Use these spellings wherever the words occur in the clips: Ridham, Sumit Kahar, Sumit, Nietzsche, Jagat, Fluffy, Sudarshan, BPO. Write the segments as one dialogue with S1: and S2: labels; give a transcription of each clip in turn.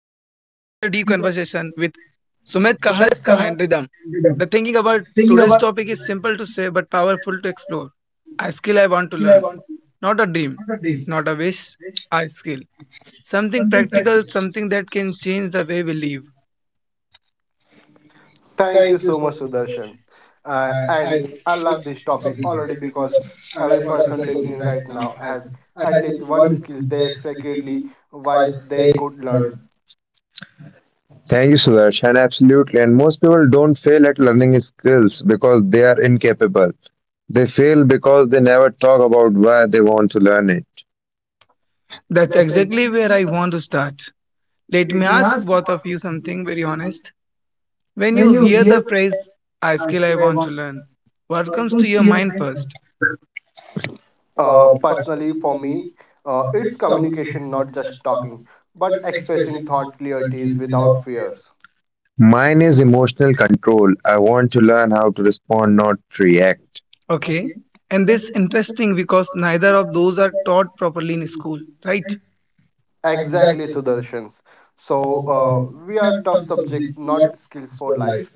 S1: with Sumit Kahar and Ridham. The thinking about today's topic is simple to say but powerful to explore. A skill I want to learn, not a dream, not a wish, a skill. Something practical, something that can change the way we live.
S2: Thank you so much, Sudarshan. And I love this topic already because every person listening right now has at least one skill they secretly wise they could learn.
S3: Thank you, Sudarshan. Absolutely. And most people don't fail at learning skills because they are incapable. They fail because they never talk about why they want to learn it.
S1: That's exactly where I want to start. Let me ask both of you something very honest. When you hear the phrase, a skill I want to learn, what comes to your mind first?
S2: Personally, for me, it's communication, not just talking, but expressing thought clearties without fears.
S3: Mine is emotional control. I want to learn how to respond, not react.
S1: Okay. And this interesting because neither of those are taught properly in school, right?
S2: Exactly, Sudarshans. We are tough subject, not skills for life.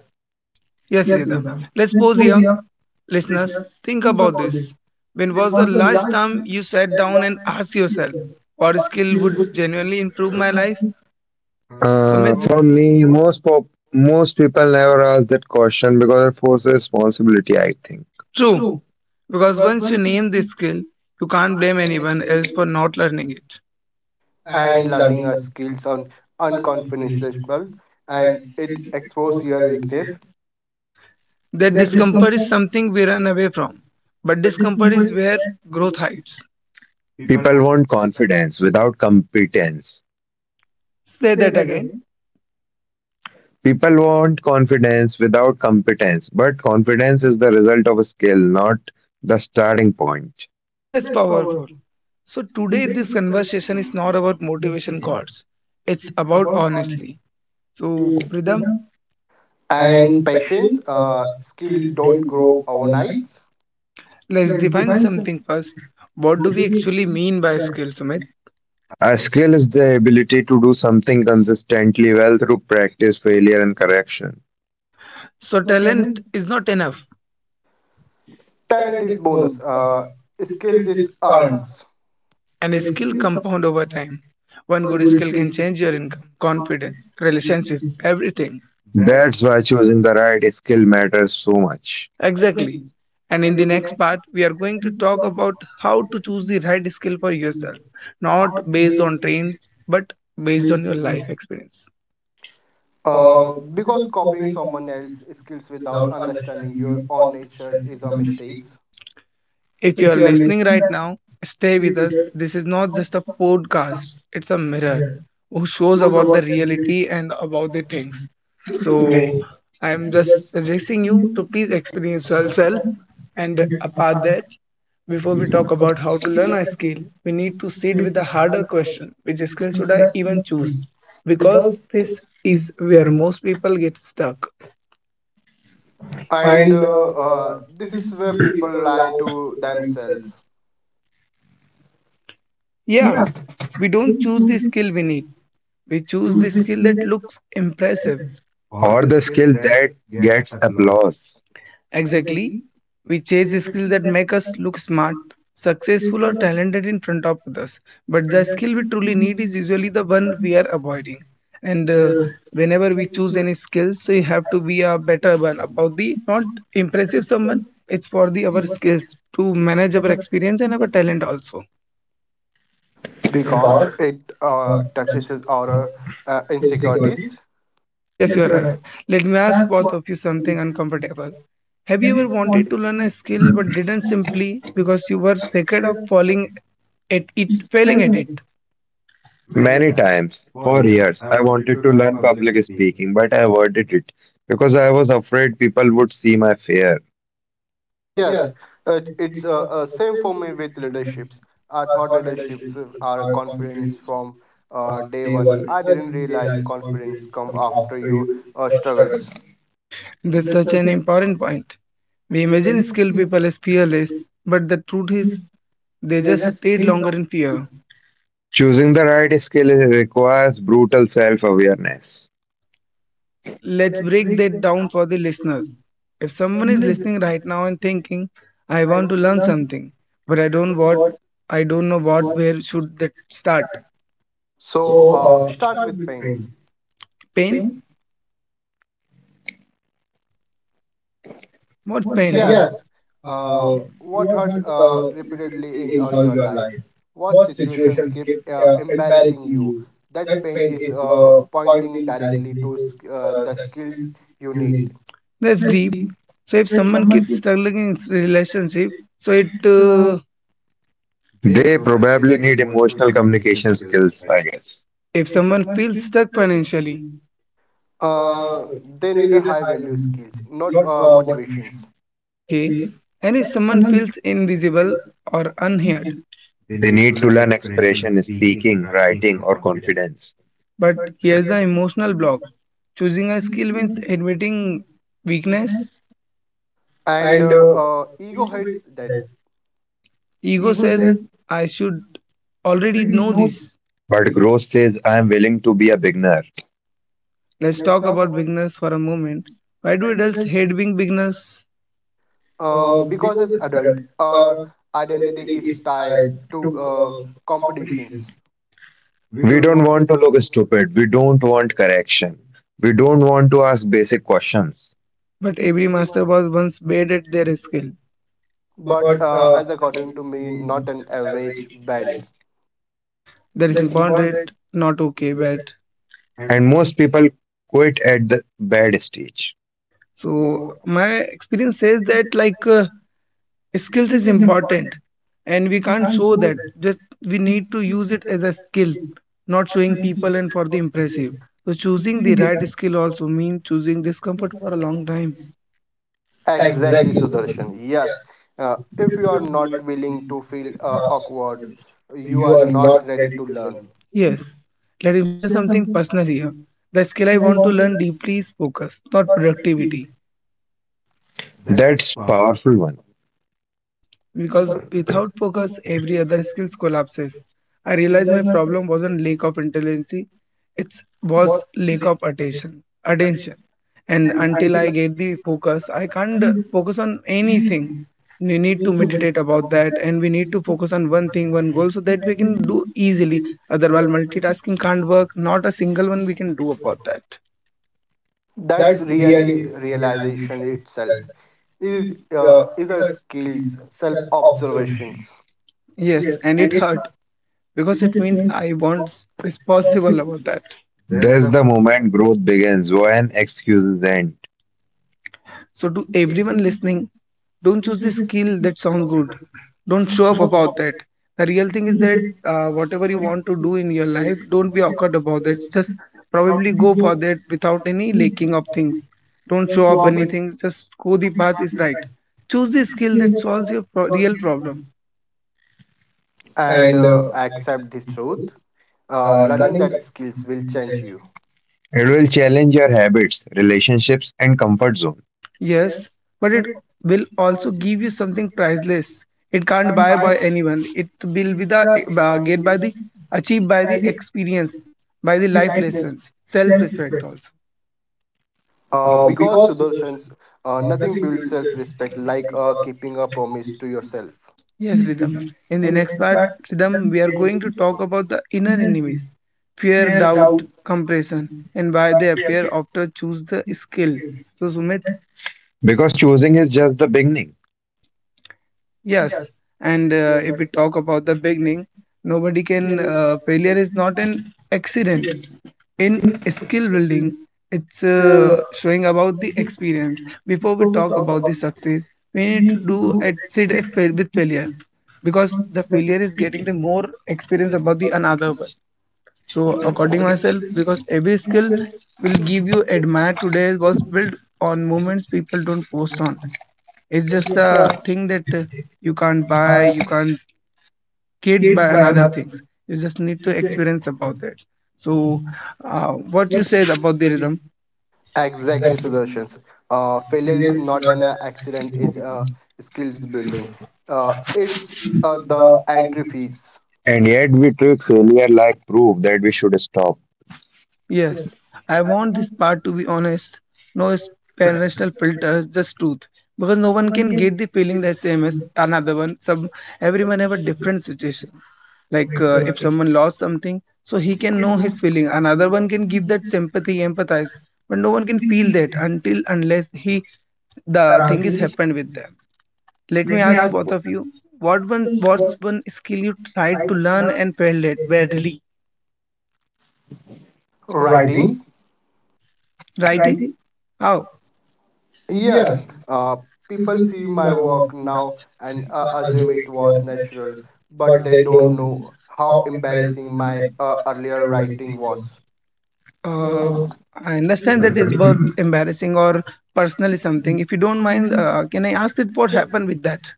S1: Yes, Ridham. Let's pause here. Listeners, think about this. When was the last time you sat down and asked yourself, what skill would genuinely improve my life? Sumit?
S3: For me, most people never ask that question because it forces responsibility, I think.
S1: True, because once you name the skill, you can't blame anyone else for not learning it.
S2: And learning a skills on unconventional and it expose your weakness
S1: That discomfort is something we run away from, but discomfort is where growth hides.
S3: People want confidence without competence.
S1: Say that again.
S3: People want confidence without competence, but confidence is the result of a skill, not the starting point.
S1: That's powerful. So, today, this conversation is not about motivation calls, it's about honestly. So, Pridham,
S2: and patience skill don't grow overnight
S1: let's define something first. What do we actually mean by skill, Sumit?
S3: A skill is the ability to do something consistently well through practice, failure, and correction.
S1: So, talent is not enough,
S2: talent is bonus skills is earns.
S1: and a skill compound over time. One good skill can change your income, confidence, relationship, everything.
S3: That's why choosing the right skill matters so much.
S1: Exactly. And in the next part, we are going to talk about how to choose the right skill for yourself, not based on trends, but based on your life experience.
S2: Because copying someone else's skills without understanding your own natures is a mistake
S1: If you are listening right now, stay with us. This is not just a podcast, it's a mirror who shows about the reality and about the things. So, I'm just suggesting you to please experience yourself. And apart that, before we talk about how to learn a skill, we need to sit with a harder question, which skill should I even choose? Because this is where most people get stuck.
S2: and this is where people lie to themselves
S1: Yeah, we don't choose the skill we need. We choose the skill that looks impressive.
S3: Or the skill that gets applause.
S1: Exactly. We chase the skill that make us look smart, successful or talented in front of others. But the skill we truly need is usually the one we are avoiding. And whenever we choose any skill, so you have to be a better one about the not impressive someone. It's for the our skills to manage our experience and our talent also.
S2: because it touches our insecurities.
S1: Yes, you are right. Let me ask both of you something uncomfortable. Have you ever wanted to learn a skill but didn't simply because you were scared of falling at it, failing at it?
S3: Many times, for years, I wanted to learn public speaking, but I avoided it because I was afraid people would see my fear.
S2: Yes, it's same for me with leaderships. I thought leaderships are confidence from day one. I didn't realize confidence come after you struggles.
S1: That's such an important point. We imagine skilled people as fearless, but the truth is they just stayed longer in fear.
S3: Choosing the right skill requires brutal self awareness.
S1: Let's break that down for the listeners. If someone is listening right now and thinking, I want to learn something, but I don't know what, where should that start?
S2: Start with pain.
S1: Pain? What pain?
S2: Yes, uh, what hurt repeatedly in your life? What situations keep embarrassing you? That pain is pointing directly to the skills you need.
S1: That's deep. So if someone keeps struggling in relationship, so it
S3: They probably need emotional communication skills, I guess.
S1: if someone feels stuck financially,
S2: Uh, they need a high value skills, not motivations.
S1: okay, and if someone feels invisible or unheard,
S3: They need to learn expression, speaking, writing, or confidence.
S1: but here's the emotional block. Choosing a skill means admitting weakness.
S2: And ego hates that
S1: Ego says I should already know this.
S3: But growth says, I am willing to be a beginner.
S1: Let's talk about beginners for a moment. Why do adults hate being beginners?
S2: because as adult, our identity is tied to competitions.
S3: We don't want to look stupid. We don't want correction. We don't want to ask basic questions.
S1: But every master was once bad at their skill.
S2: But as according to me, not an average bad.
S1: That is important, not okay, but.
S3: And most people quit at the bad stage.
S1: So my experience says that skills is important, and we can't show that just, we need to use it as a skill, not showing people and for the impressive. So choosing the right skill also means choosing discomfort for a long time.
S2: Exactly, Sudarshan. Yes, if you are not willing to feel awkward, you are not ready to learn.
S1: Yes, let him share something personal here. The skill I want to learn deeply is focus, not productivity.
S3: That's powerful one.
S1: Because without focus every other skills collapses. I realized my problem wasn't lack of intelligence, it was lack of attention. And until I get the focus I can't focus on anything. We need to meditate about that, and we need to focus on one thing, one goal, so that we can do easily. Otherwise multitasking can't work, not a single one we can do about that.
S2: That's really realization itself. Is a skills, self observations,
S1: Yes, and it hurt, because it meant I was responsible about that.
S3: That's the moment growth begins when excuses end.
S1: So, to everyone listening, don't choose the skill that sound good. Don't show up about that. The real thing is that, whatever you want to do in your life, don't be awkward about that. Just probably go for that without any lacking of things. Don't show up anything. Just go, the path is right. Choose the skill that solves your real problem.
S2: and accept this truth. Learning that skills will change you.
S3: It will challenge your habits, relationships, and comfort zone
S1: Yes, but it will also give you something priceless. It can't buy by anyone. It will be the get by the achieved by the experience, by the life lessons, self-respect also.
S2: Because Sudarshan's nothing builds self respect like keeping a promise to yourself.
S1: Yes, Rhythm. In the next part, Rhythm, we are going to talk about the inner enemies, fear, doubt, compression, and why they appear after choose the skill. So Sumit,
S3: because choosing is just the beginning.
S1: yes. And if we talk about the beginning, nobody can. Failure is not an accident in skill building, it's showing about the experience. Before we talk about the success we need to do at sit at fail with failure, because the failure is getting the more experience about the another one. So according myself, because every skill will give you admire today was built on moments people don't post on. It's just a thing that, you can't buy, you can't get by another things, you just need to experience about that. So uh, what you said about the rhythm.
S2: Exactly, Sudarshan's. Failure is not an accident. Is skills building. It's the entry fees.
S3: And yet, we treat failure like proof that we should stop.
S1: Yes, I want this part to be honest. No personal filters, just truth. Because no one can get the feeling the same as another one. Some, everyone have a different situation. If someone lost something, so he can know his feeling. Another one can give that sympathy, empathize, but no one can feel that until unless he, the thing is happened with them. Let me ask both of you, what's one skill you tried to learn and failed at badly?
S2: Writing.
S1: Writing? How?
S2: Yes, people see my work now and assume it was natural, but they don't know how embarrassing my earlier writing was.
S1: Uh, I understand that is both embarrassing or personally something. If you don't mind, can I ask it what happened with that?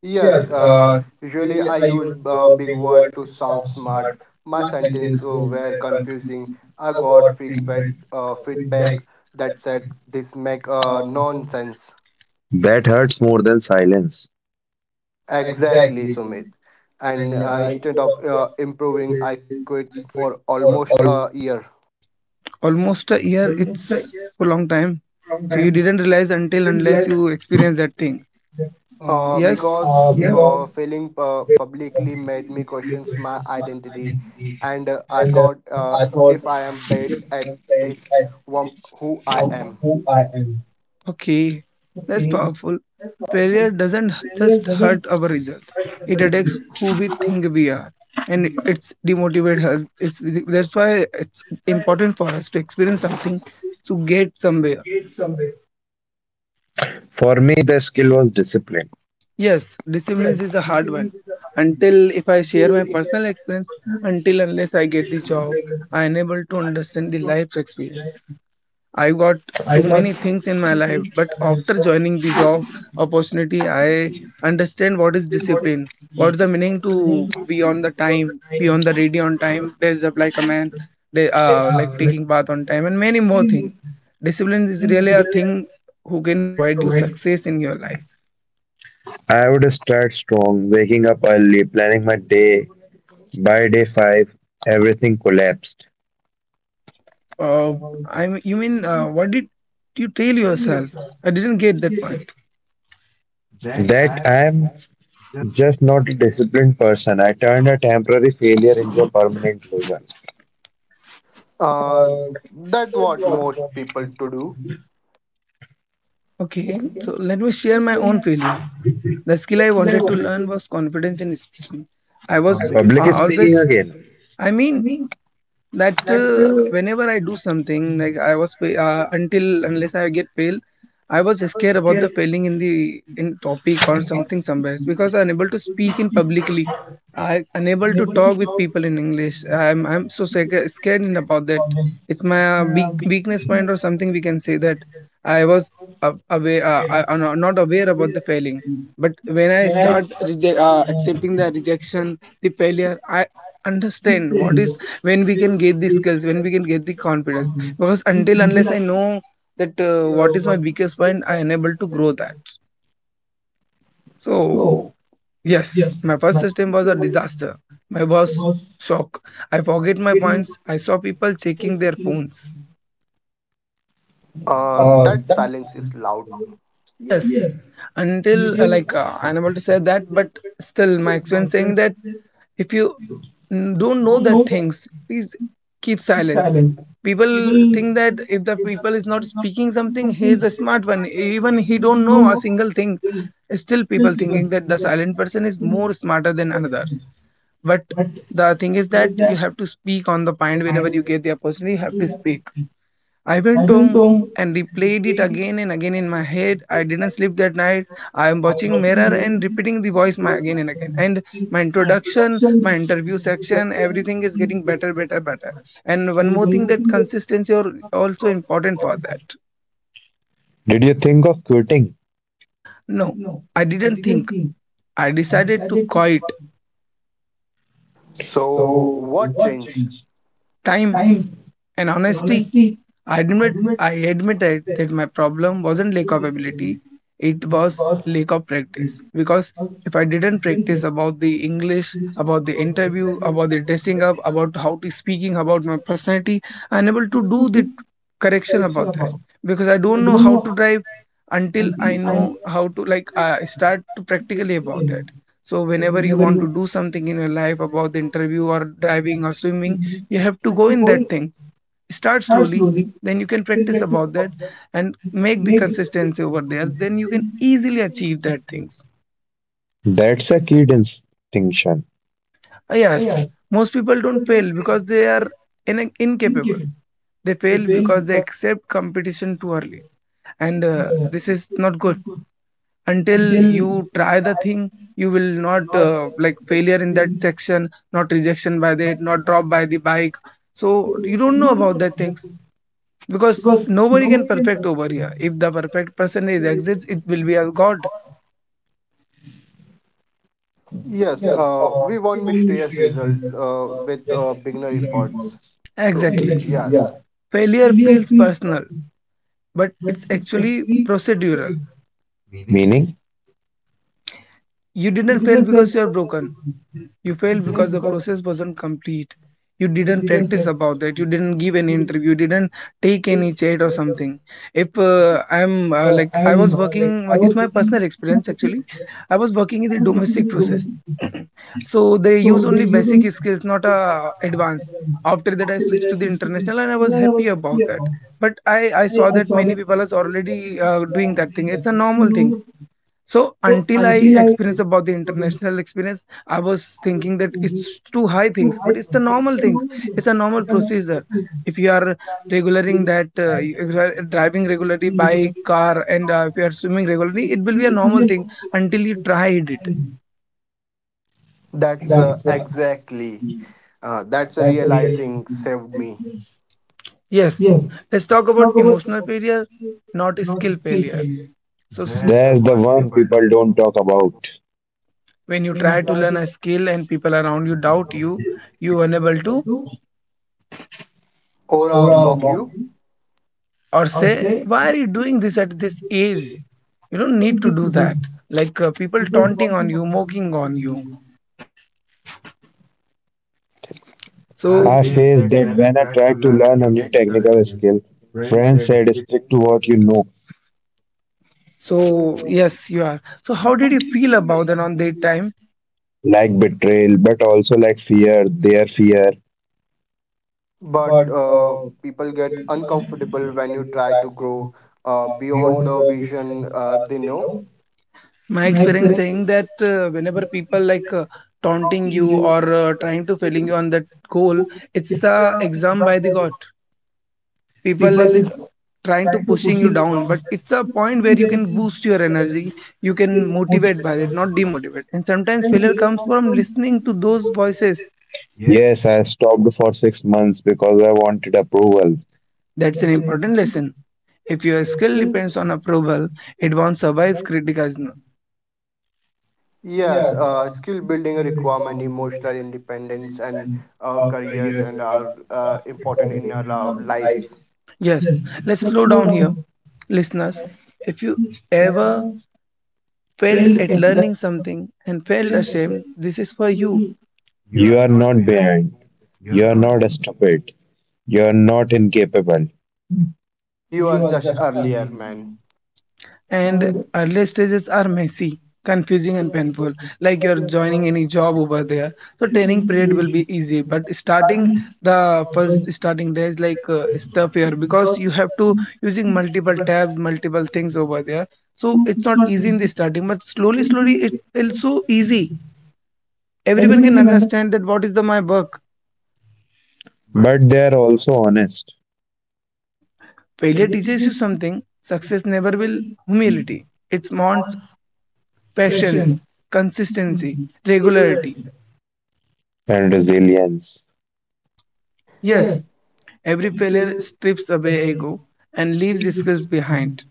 S2: Yes, usually I used big word to sound smart. My sentences were confusing. I got feedback that said this make nonsense.
S3: That hurts more than silence.
S2: Exactly, Sumit. And instead of improving, I quit for almost a year.
S1: Almost a year, it's a long time. So you didn't realize until unless you experience that thing.
S2: Uh,
S1: Yes,
S2: because uh, failing publicly made me questions my identity, and I thought if I am bad at this, whom who I am.
S1: okay, that's powerful. Failure doesn't just hurt our result; it attacks who we think we are, and it's demotivate us. It's, that's why it's important for us to experience something to get somewhere.
S3: For me, the skill was discipline.
S1: Yes, discipline is a hard one. Until if I share my personal experience, until unless I get the job, I unable to understand the life's experience. I got too many things in my life, but after joining the job opportunity, I understand what is discipline, what's the meaning to be on the time, be on the ready on time, dress up like a man, like taking bath on time, and many more things. Discipline is really a thing who can provide you success in your life.
S3: I would start strong, waking up early, planning my day. By day 5, everything collapsed.
S1: Uh, I mean, you mean, what did you tell yourself? I didn't get that point.
S3: That I am just not a disciplined person. I turned a temporary failure into a permanent loser.
S2: Uh, that what most people to do.
S1: Okay, so let me share my own failure. The skill I wanted to learn was confidence in speaking. I was
S3: Public speaking
S1: always,
S3: again.
S1: I mean, that whenever I do something, like I was until unless I get fail, I was scared about the failing in the in topic or something somewhere because I'm unable to speak in publicly. I unable to talk with people in English. I'm so scared in about that. It's my weak, weakness point or something we can say that. I was aware, I'm not aware about the failing. But when I start reject, accepting the rejection, the failure, I understand what is, when we can get the skills, when we can get the confidence, because until unless I know that, what is my weakest point I unable to grow that. So yes, my first system was a disaster. My boss shock, I forget my points, I saw people checking their phones.
S2: That silence is loud. Yes.
S1: Yes, until unable to say that, but still my experience saying that, if you don't know that things, please keep silence. People think that if the people is not speaking something, he is a smart one. Even he don't know a single thing. Still, people thinking that the silent person is more smarter than others. But the thing is that you have to speak on the point whenever you get the opportunity. You have to speak. I went home and replayed it again and again in my head. I didn't sleep that night. I am watching mirror and repeating the voice my again and again. And my introduction, my interview section, everything is getting better, better, better. And one more thing, that consistency are also important for that.
S3: Did you think of quitting?
S1: No, I didn't think. I decided to quiet
S2: So what changed?
S1: time and honesty. I admit I admitted that my problem wasn't lack of ability, it was lack of practice. Because if I didn't practice about the English, about the interview, about the dressing up, about how to speaking, about my personality, I unable to do the correction about that. Because I don't know how to drive until I know how to start to practically about that. So whenever you want to do something in your life about the interview or driving or swimming, you have to go in that things, start slowly, then you can practice about that and make the consistency over there, then you can easily achieve that things.
S3: That's a key distinction,
S1: Yes, most people don't fail because they are incapable, they fail because they accept competition too early, and this is not good until you try the thing, you will not like failure in that section, not rejection by that, not drop by the bike. So you don't know about that things, because nobody can perfect over here. If the perfect person is exists, it will be a god.
S2: Yes, we want mysterious result with beginner efforts. So
S1: Exactly.
S2: exactly. Yes,
S1: Failure feels personal, but it's actually procedural.
S3: meaning
S1: You didn't fail because you are broken. You failed because the process wasn't complete. You didn't practice about that. You didn't give any interview. You didn't take any chat or something. If I was working, it's my personal experience actually. I was working in the domestic process. So they use only basic skills, not advanced. After that, I switched to the international and I was happy about that. But I saw that many people are already doing that thing. It's a normal things. So until I experience about the international experience, I was thinking that it's too high things, but it's the normal things. It's a normal procedure. If you are regulating that, if you are driving regularly by car and if you are swimming regularly, it will be a normal thing until you tried it.
S2: that's uh, exactly that's a realizing saved me.
S1: Yes. Let's talk about emotional failure, not skill failure. So s-
S3: there's the one people don't talk about.
S1: when you try to learn a skill and people around you doubt you, you unable to,
S2: Aura mock you,
S1: or say why are you doing this at this age, you don't need to do that, people taunting on you, mocking on you. I so
S3: I faced that when I tried to learn a new technical skill, friends said stick to what you know,
S1: so yes, you are. So how did you feel about that on that time?
S3: like betrayal, but also like fear, their fear.
S2: but people get uncomfortable when you try to grow beyond the vision they know.
S1: My experience saying that whenever people taunting you or trying to failing you on that goal, it's a exam by the god. People is trying to pushing you down, but it's a point where you can boost your energy, you can motivate by it, not demotivate, and sometimes failure comes from listening to those voices.
S3: Yes, I stopped for 6 months because I wanted approval.
S1: That's an important lesson. If your skill depends on approval, it won't survive criticism.
S2: Yes, skill building requirement, emotional independence, and careers and are important in our lives.
S1: Yes, let's slow down here, listeners. If you ever failed at learning something and felt ashamed, this is for you.
S3: You are not behind. You are not stupid. You are not incapable.
S2: You are just earlier, man.
S1: And early stages are messy, confusing, and painful. Like you're joining any job over there, so training period will be easy. But starting the first starting days is tough here, because you have to using multiple tabs, multiple things over there. So it's not easy in the starting, but slowly, slowly it feels so easy. Everyone can understand that what is the my work.
S3: But they are also honest
S1: Failure teaches you something. Success never will. Humility. It wants patience, consistency, regularity.
S3: and resilience.
S1: Yes, every failure strips away ego and leaves the skills behind.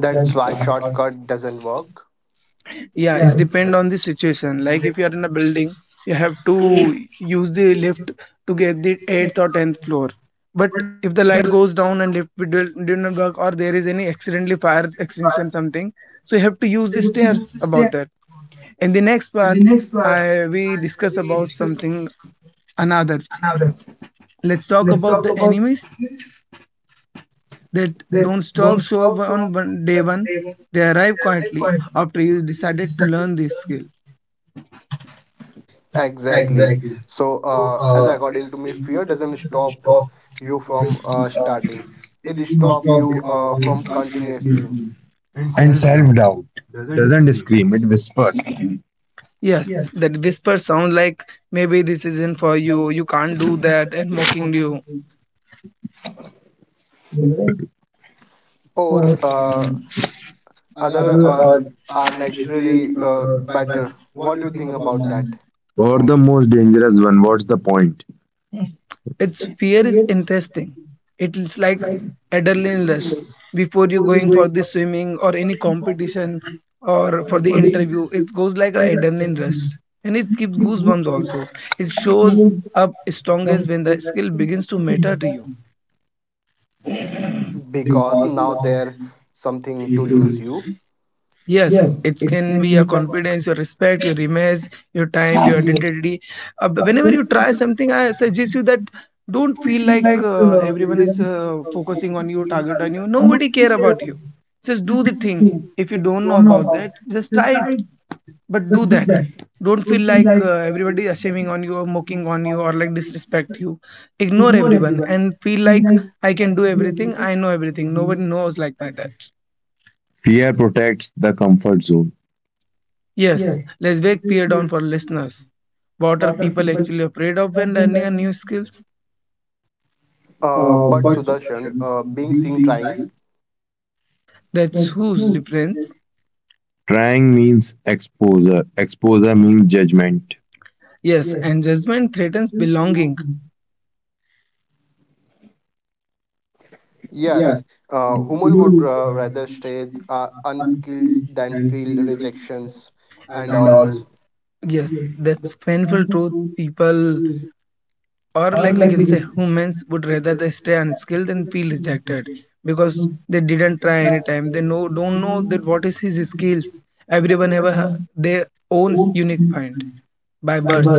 S2: That's why shortcut doesn't work.
S1: Yeah, it's depend on the situation. Like if you are in a building, you have to use the lift to get the eighth or tenth floor. But if the light goes down and lift did not work, or there is any accidentally fire extinction something, so you have to use the stairs about that. In the next part, I we discuss about something another. Let's talk about the enemies that don't stop show up on day one. They arrive quietly after you decided to learn this skill.
S2: Exactly. So, as according to me, fear doesn't stop you from starting. It stop you from continuously.
S3: And self doubt doesn't scream, it whispers.
S1: Yes, that whisper sound like maybe this isn't for you, you can't do that, and mocking you.
S2: Or other are naturally better, what do you think about that?
S3: Or the most dangerous one, what's the point?
S1: Its fear is interesting. It is like adrenaline rush before you going for the swimming or any competition or for the interview. It goes like a adrenaline rush, and it gives goosebumps also. It shows up strongest when the skill begins to matter to you.
S2: Because now they're something to lose you.
S1: Yes, it can be your confidence, your respect, your image, your time, your identity. Whenever you try something, I suggest you that don't feel like everyone is focusing on you, target on you. Nobody care about you. Just do the thing. If you don't know about that, just try it, but do that. Don't feel like everybody is shaming on you or mocking on you or like disrespect you. Ignore everyone and feel like I can do everything. I know everything. Nobody knows like my that.
S3: Fear protects the comfort zone.
S1: Yes, let's break fear down for listeners. What are people actually afraid of when learning a new skills?
S2: But sudarshan, being seen trying,
S1: That's whose difference.
S3: Trying means exposure, exposure means judgment.
S1: Yes, and judgment threatens belonging.
S2: yes, human would rather stay unskilled than feel rejections and all.
S1: Yes, that's painful truth. People, or like we can say, humans would rather they stay unskilled than feel rejected because they didn't try any time. They know don't know that what is his skills. Everyone have their own unique point by birth.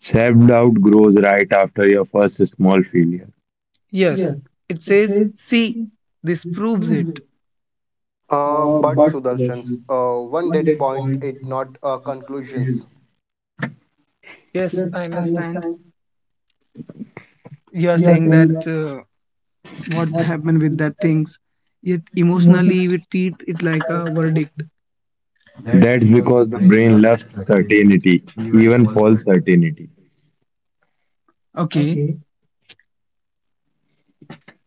S3: Self doubt grows right after your first small failure.
S1: Yes, it says see. This proves it.
S2: But Sudarshan's one dead point it not conclusions.
S1: Yes, I understand. You are saying that what's happened with that things. Yet emotionally, we treat it like a verdict.
S3: That's because the brain loves certainty, even false certainty.
S1: Okay,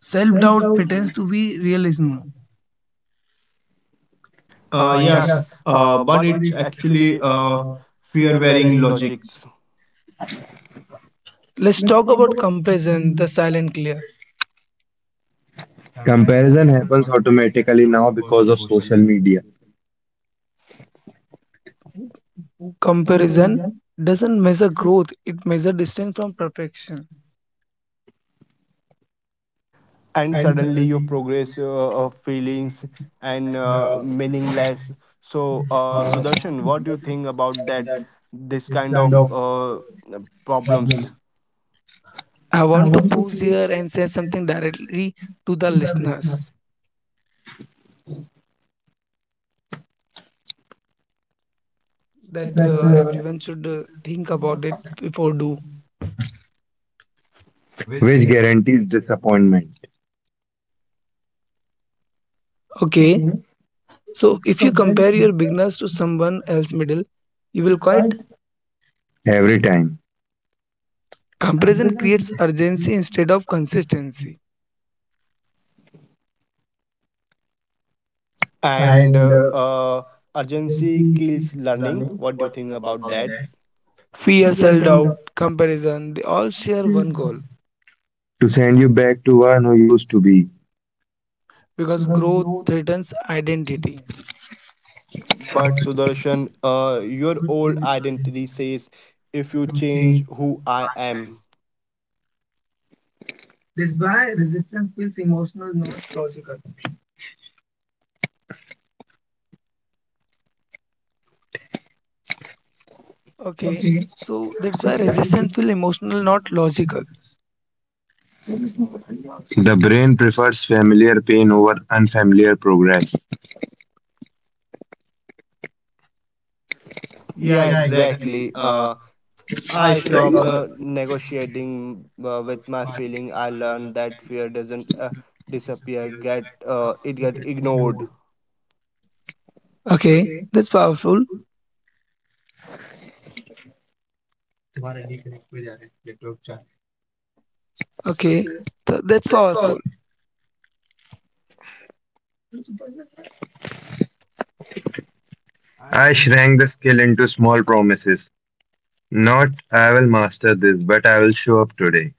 S1: self doubt pretends to be realism.
S2: Uh, yes, but it's actually uh, fear wearing logics.
S1: Let's talk about comparison, the silent clear.
S3: Comparison happens automatically now because of social media,
S1: Comparison doesn't measure growth, it measures distance from perfection.
S2: And suddenly your progress feelings and meaningless, so Sudarshan, what do you think about that? This kind of problems,
S1: I want to pause here and say something directly to the listeners that
S2: that
S1: everyone should think about it before do.
S2: which
S3: which
S2: guarantee,
S3: guarantees disappointment
S1: Okay, so if you compare your beginners to someone else middle, you will quite.
S3: every time.
S1: Comparison creates urgency instead of consistency.
S2: and urgency kills learning. What do you think about that?
S1: Fear, self-doubt, comparison, they all share one goal,
S3: To send you back to one who used to be,
S1: because growth threatens identity.
S2: But Sudarshan, your old identity says, if you change who I am.
S1: That's why resistance feels emotional, not logical. Okay. So that's why resistance feels emotional, not logical.
S3: the brain prefers familiar pain over unfamiliar progress.
S2: Yeah, exactly. Uh, I stopped negotiating with my feeling. I learned that fear doesn't disappear; get it get ignored.
S1: Okay. That's powerful. Okay. That's powerful.
S3: I shrank the skill into small promises. Not, I will master this, but I will show up today.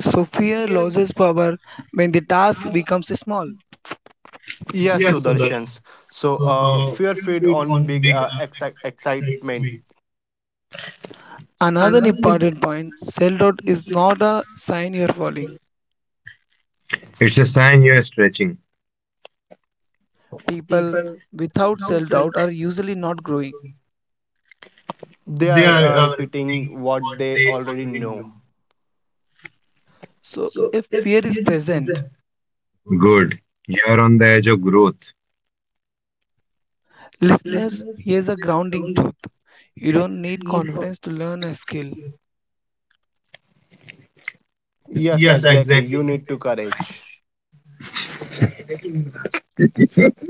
S1: So fear loses power when the task becomes small.
S2: Yes, Sudarshans. So, fear feed on big excitement.
S1: Another important point, self doubt is not a sign you're falling.
S3: It's a sign you are stretching.
S1: People without self doubt are usually not growing.
S2: They are repeating what they already know.
S1: So, if fear is present,
S3: Good. You are on the edge of growth.
S1: listeners, here's a grounding truth, you don't need confidence to learn a skill.
S2: Yes, exactly. You need to courage.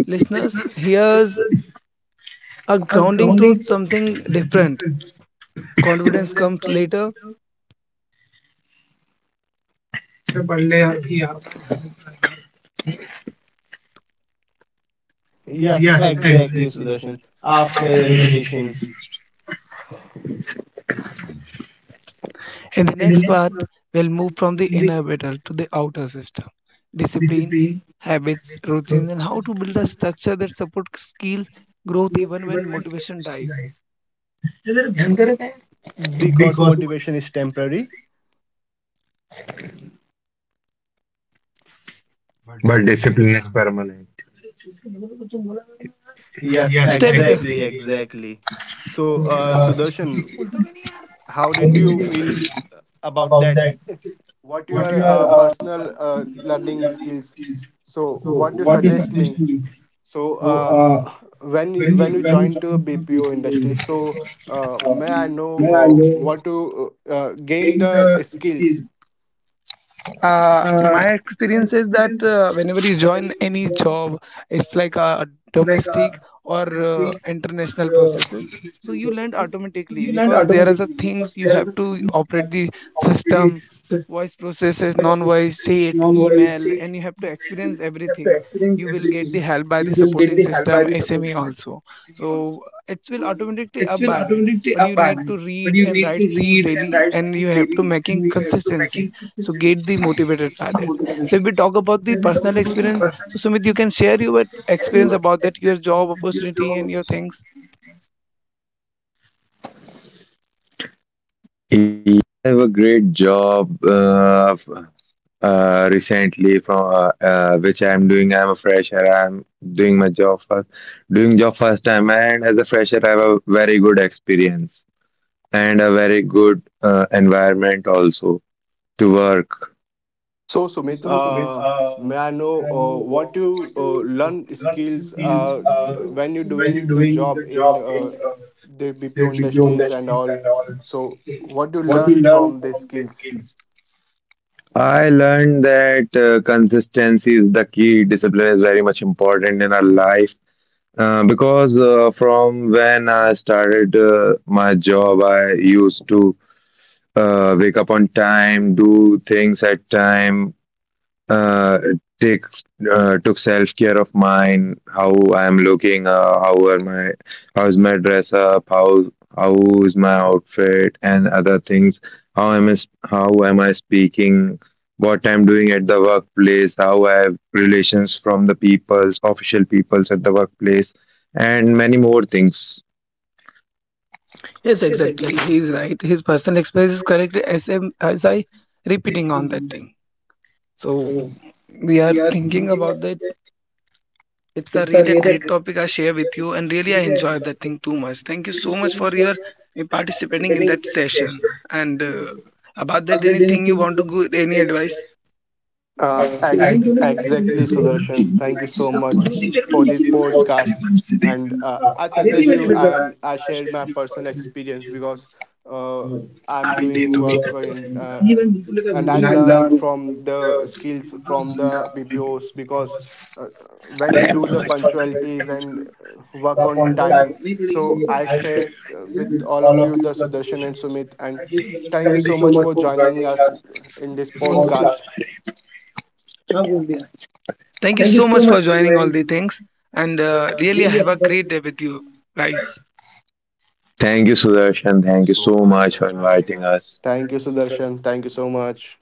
S1: Listeners, here's a grounding truth, something different. Confidence comes later.
S2: Yes, exactly, Sudarshan. After the repetitions,
S1: In the next part, we'll move from the inner battle to the outer system, discipline, habits, routines, and how to build a structure that supports skill growth even when motivation dies.
S2: because motivation is temporary.
S3: But discipline is permanent.
S2: Yes,
S1: Stay with us.
S2: exactly, exactly. So, Sudarshan, how did you feel about that? What your personal learning skills? So what you suggest me? so uh, when you join to BPO industry? May I know uh, what to gain the skills?
S1: My experience is that whenever you join any job, it's like a domestic or international processes. So you learn automatically because there are the things you have to operate the system, voice processes, non-voice, say it, email, and you have to experience everything. You will get the help by the supporting system, SME also. So it will automatically up by that. But you need to read and write things daily, and you have to making consistency, so get the motivated by that. So if we talk about the personal experience, so Sumit, you can share your experience about that, your job opportunity and your things.
S3: Yeah, I have a great job recently from which I'm doing. I'm a fresher. I'm doing my job first, doing job first time, and as a fresher, I have a very good experience. And a very good environment also to work.
S2: So, Sumit, may I know what you learn skills when you're doing the job in the BPO industries and all? So, what do you learn from the skills?
S3: I learned that consistency is the key. Discipline is very much important in our life because from when I started my job, I used to wake up on time, do things at time, uh, takes took self care of mine, how I am looking, how's my dress up, how is my outfit and other things. How am I speaking? What I'm doing at the workplace, how I have relations from the peoples, official peoples at the workplace, and many more things.
S1: Yes, exactly. He's right. His personal experience is correct as, as I repeating on that thing. So we are thinking about that. It's a really a great topic I share with you, and really I enjoyed that thing too much. Thank you so much for your participating in that session. And about that, anything you want to go, any advice?
S2: Uh, ex- exactly, Sudarshans. Thank you so much for this podcast. And I suggest you, and I shared my personal experience because uh, I'm doing work in, and I learned from the skills from the BPOs because uh, when you do the punctualities and work on time. So I shared with all of you, the Sudarshan and Sumit, and thank you so much for joining us in this podcast.
S1: Thank you so much for joining all the things, and really, I have a great day with you guys.
S3: Thank you, Sudarshan. Thank you so much for inviting us.
S2: Thank you, Sudarshan. Thank you so much.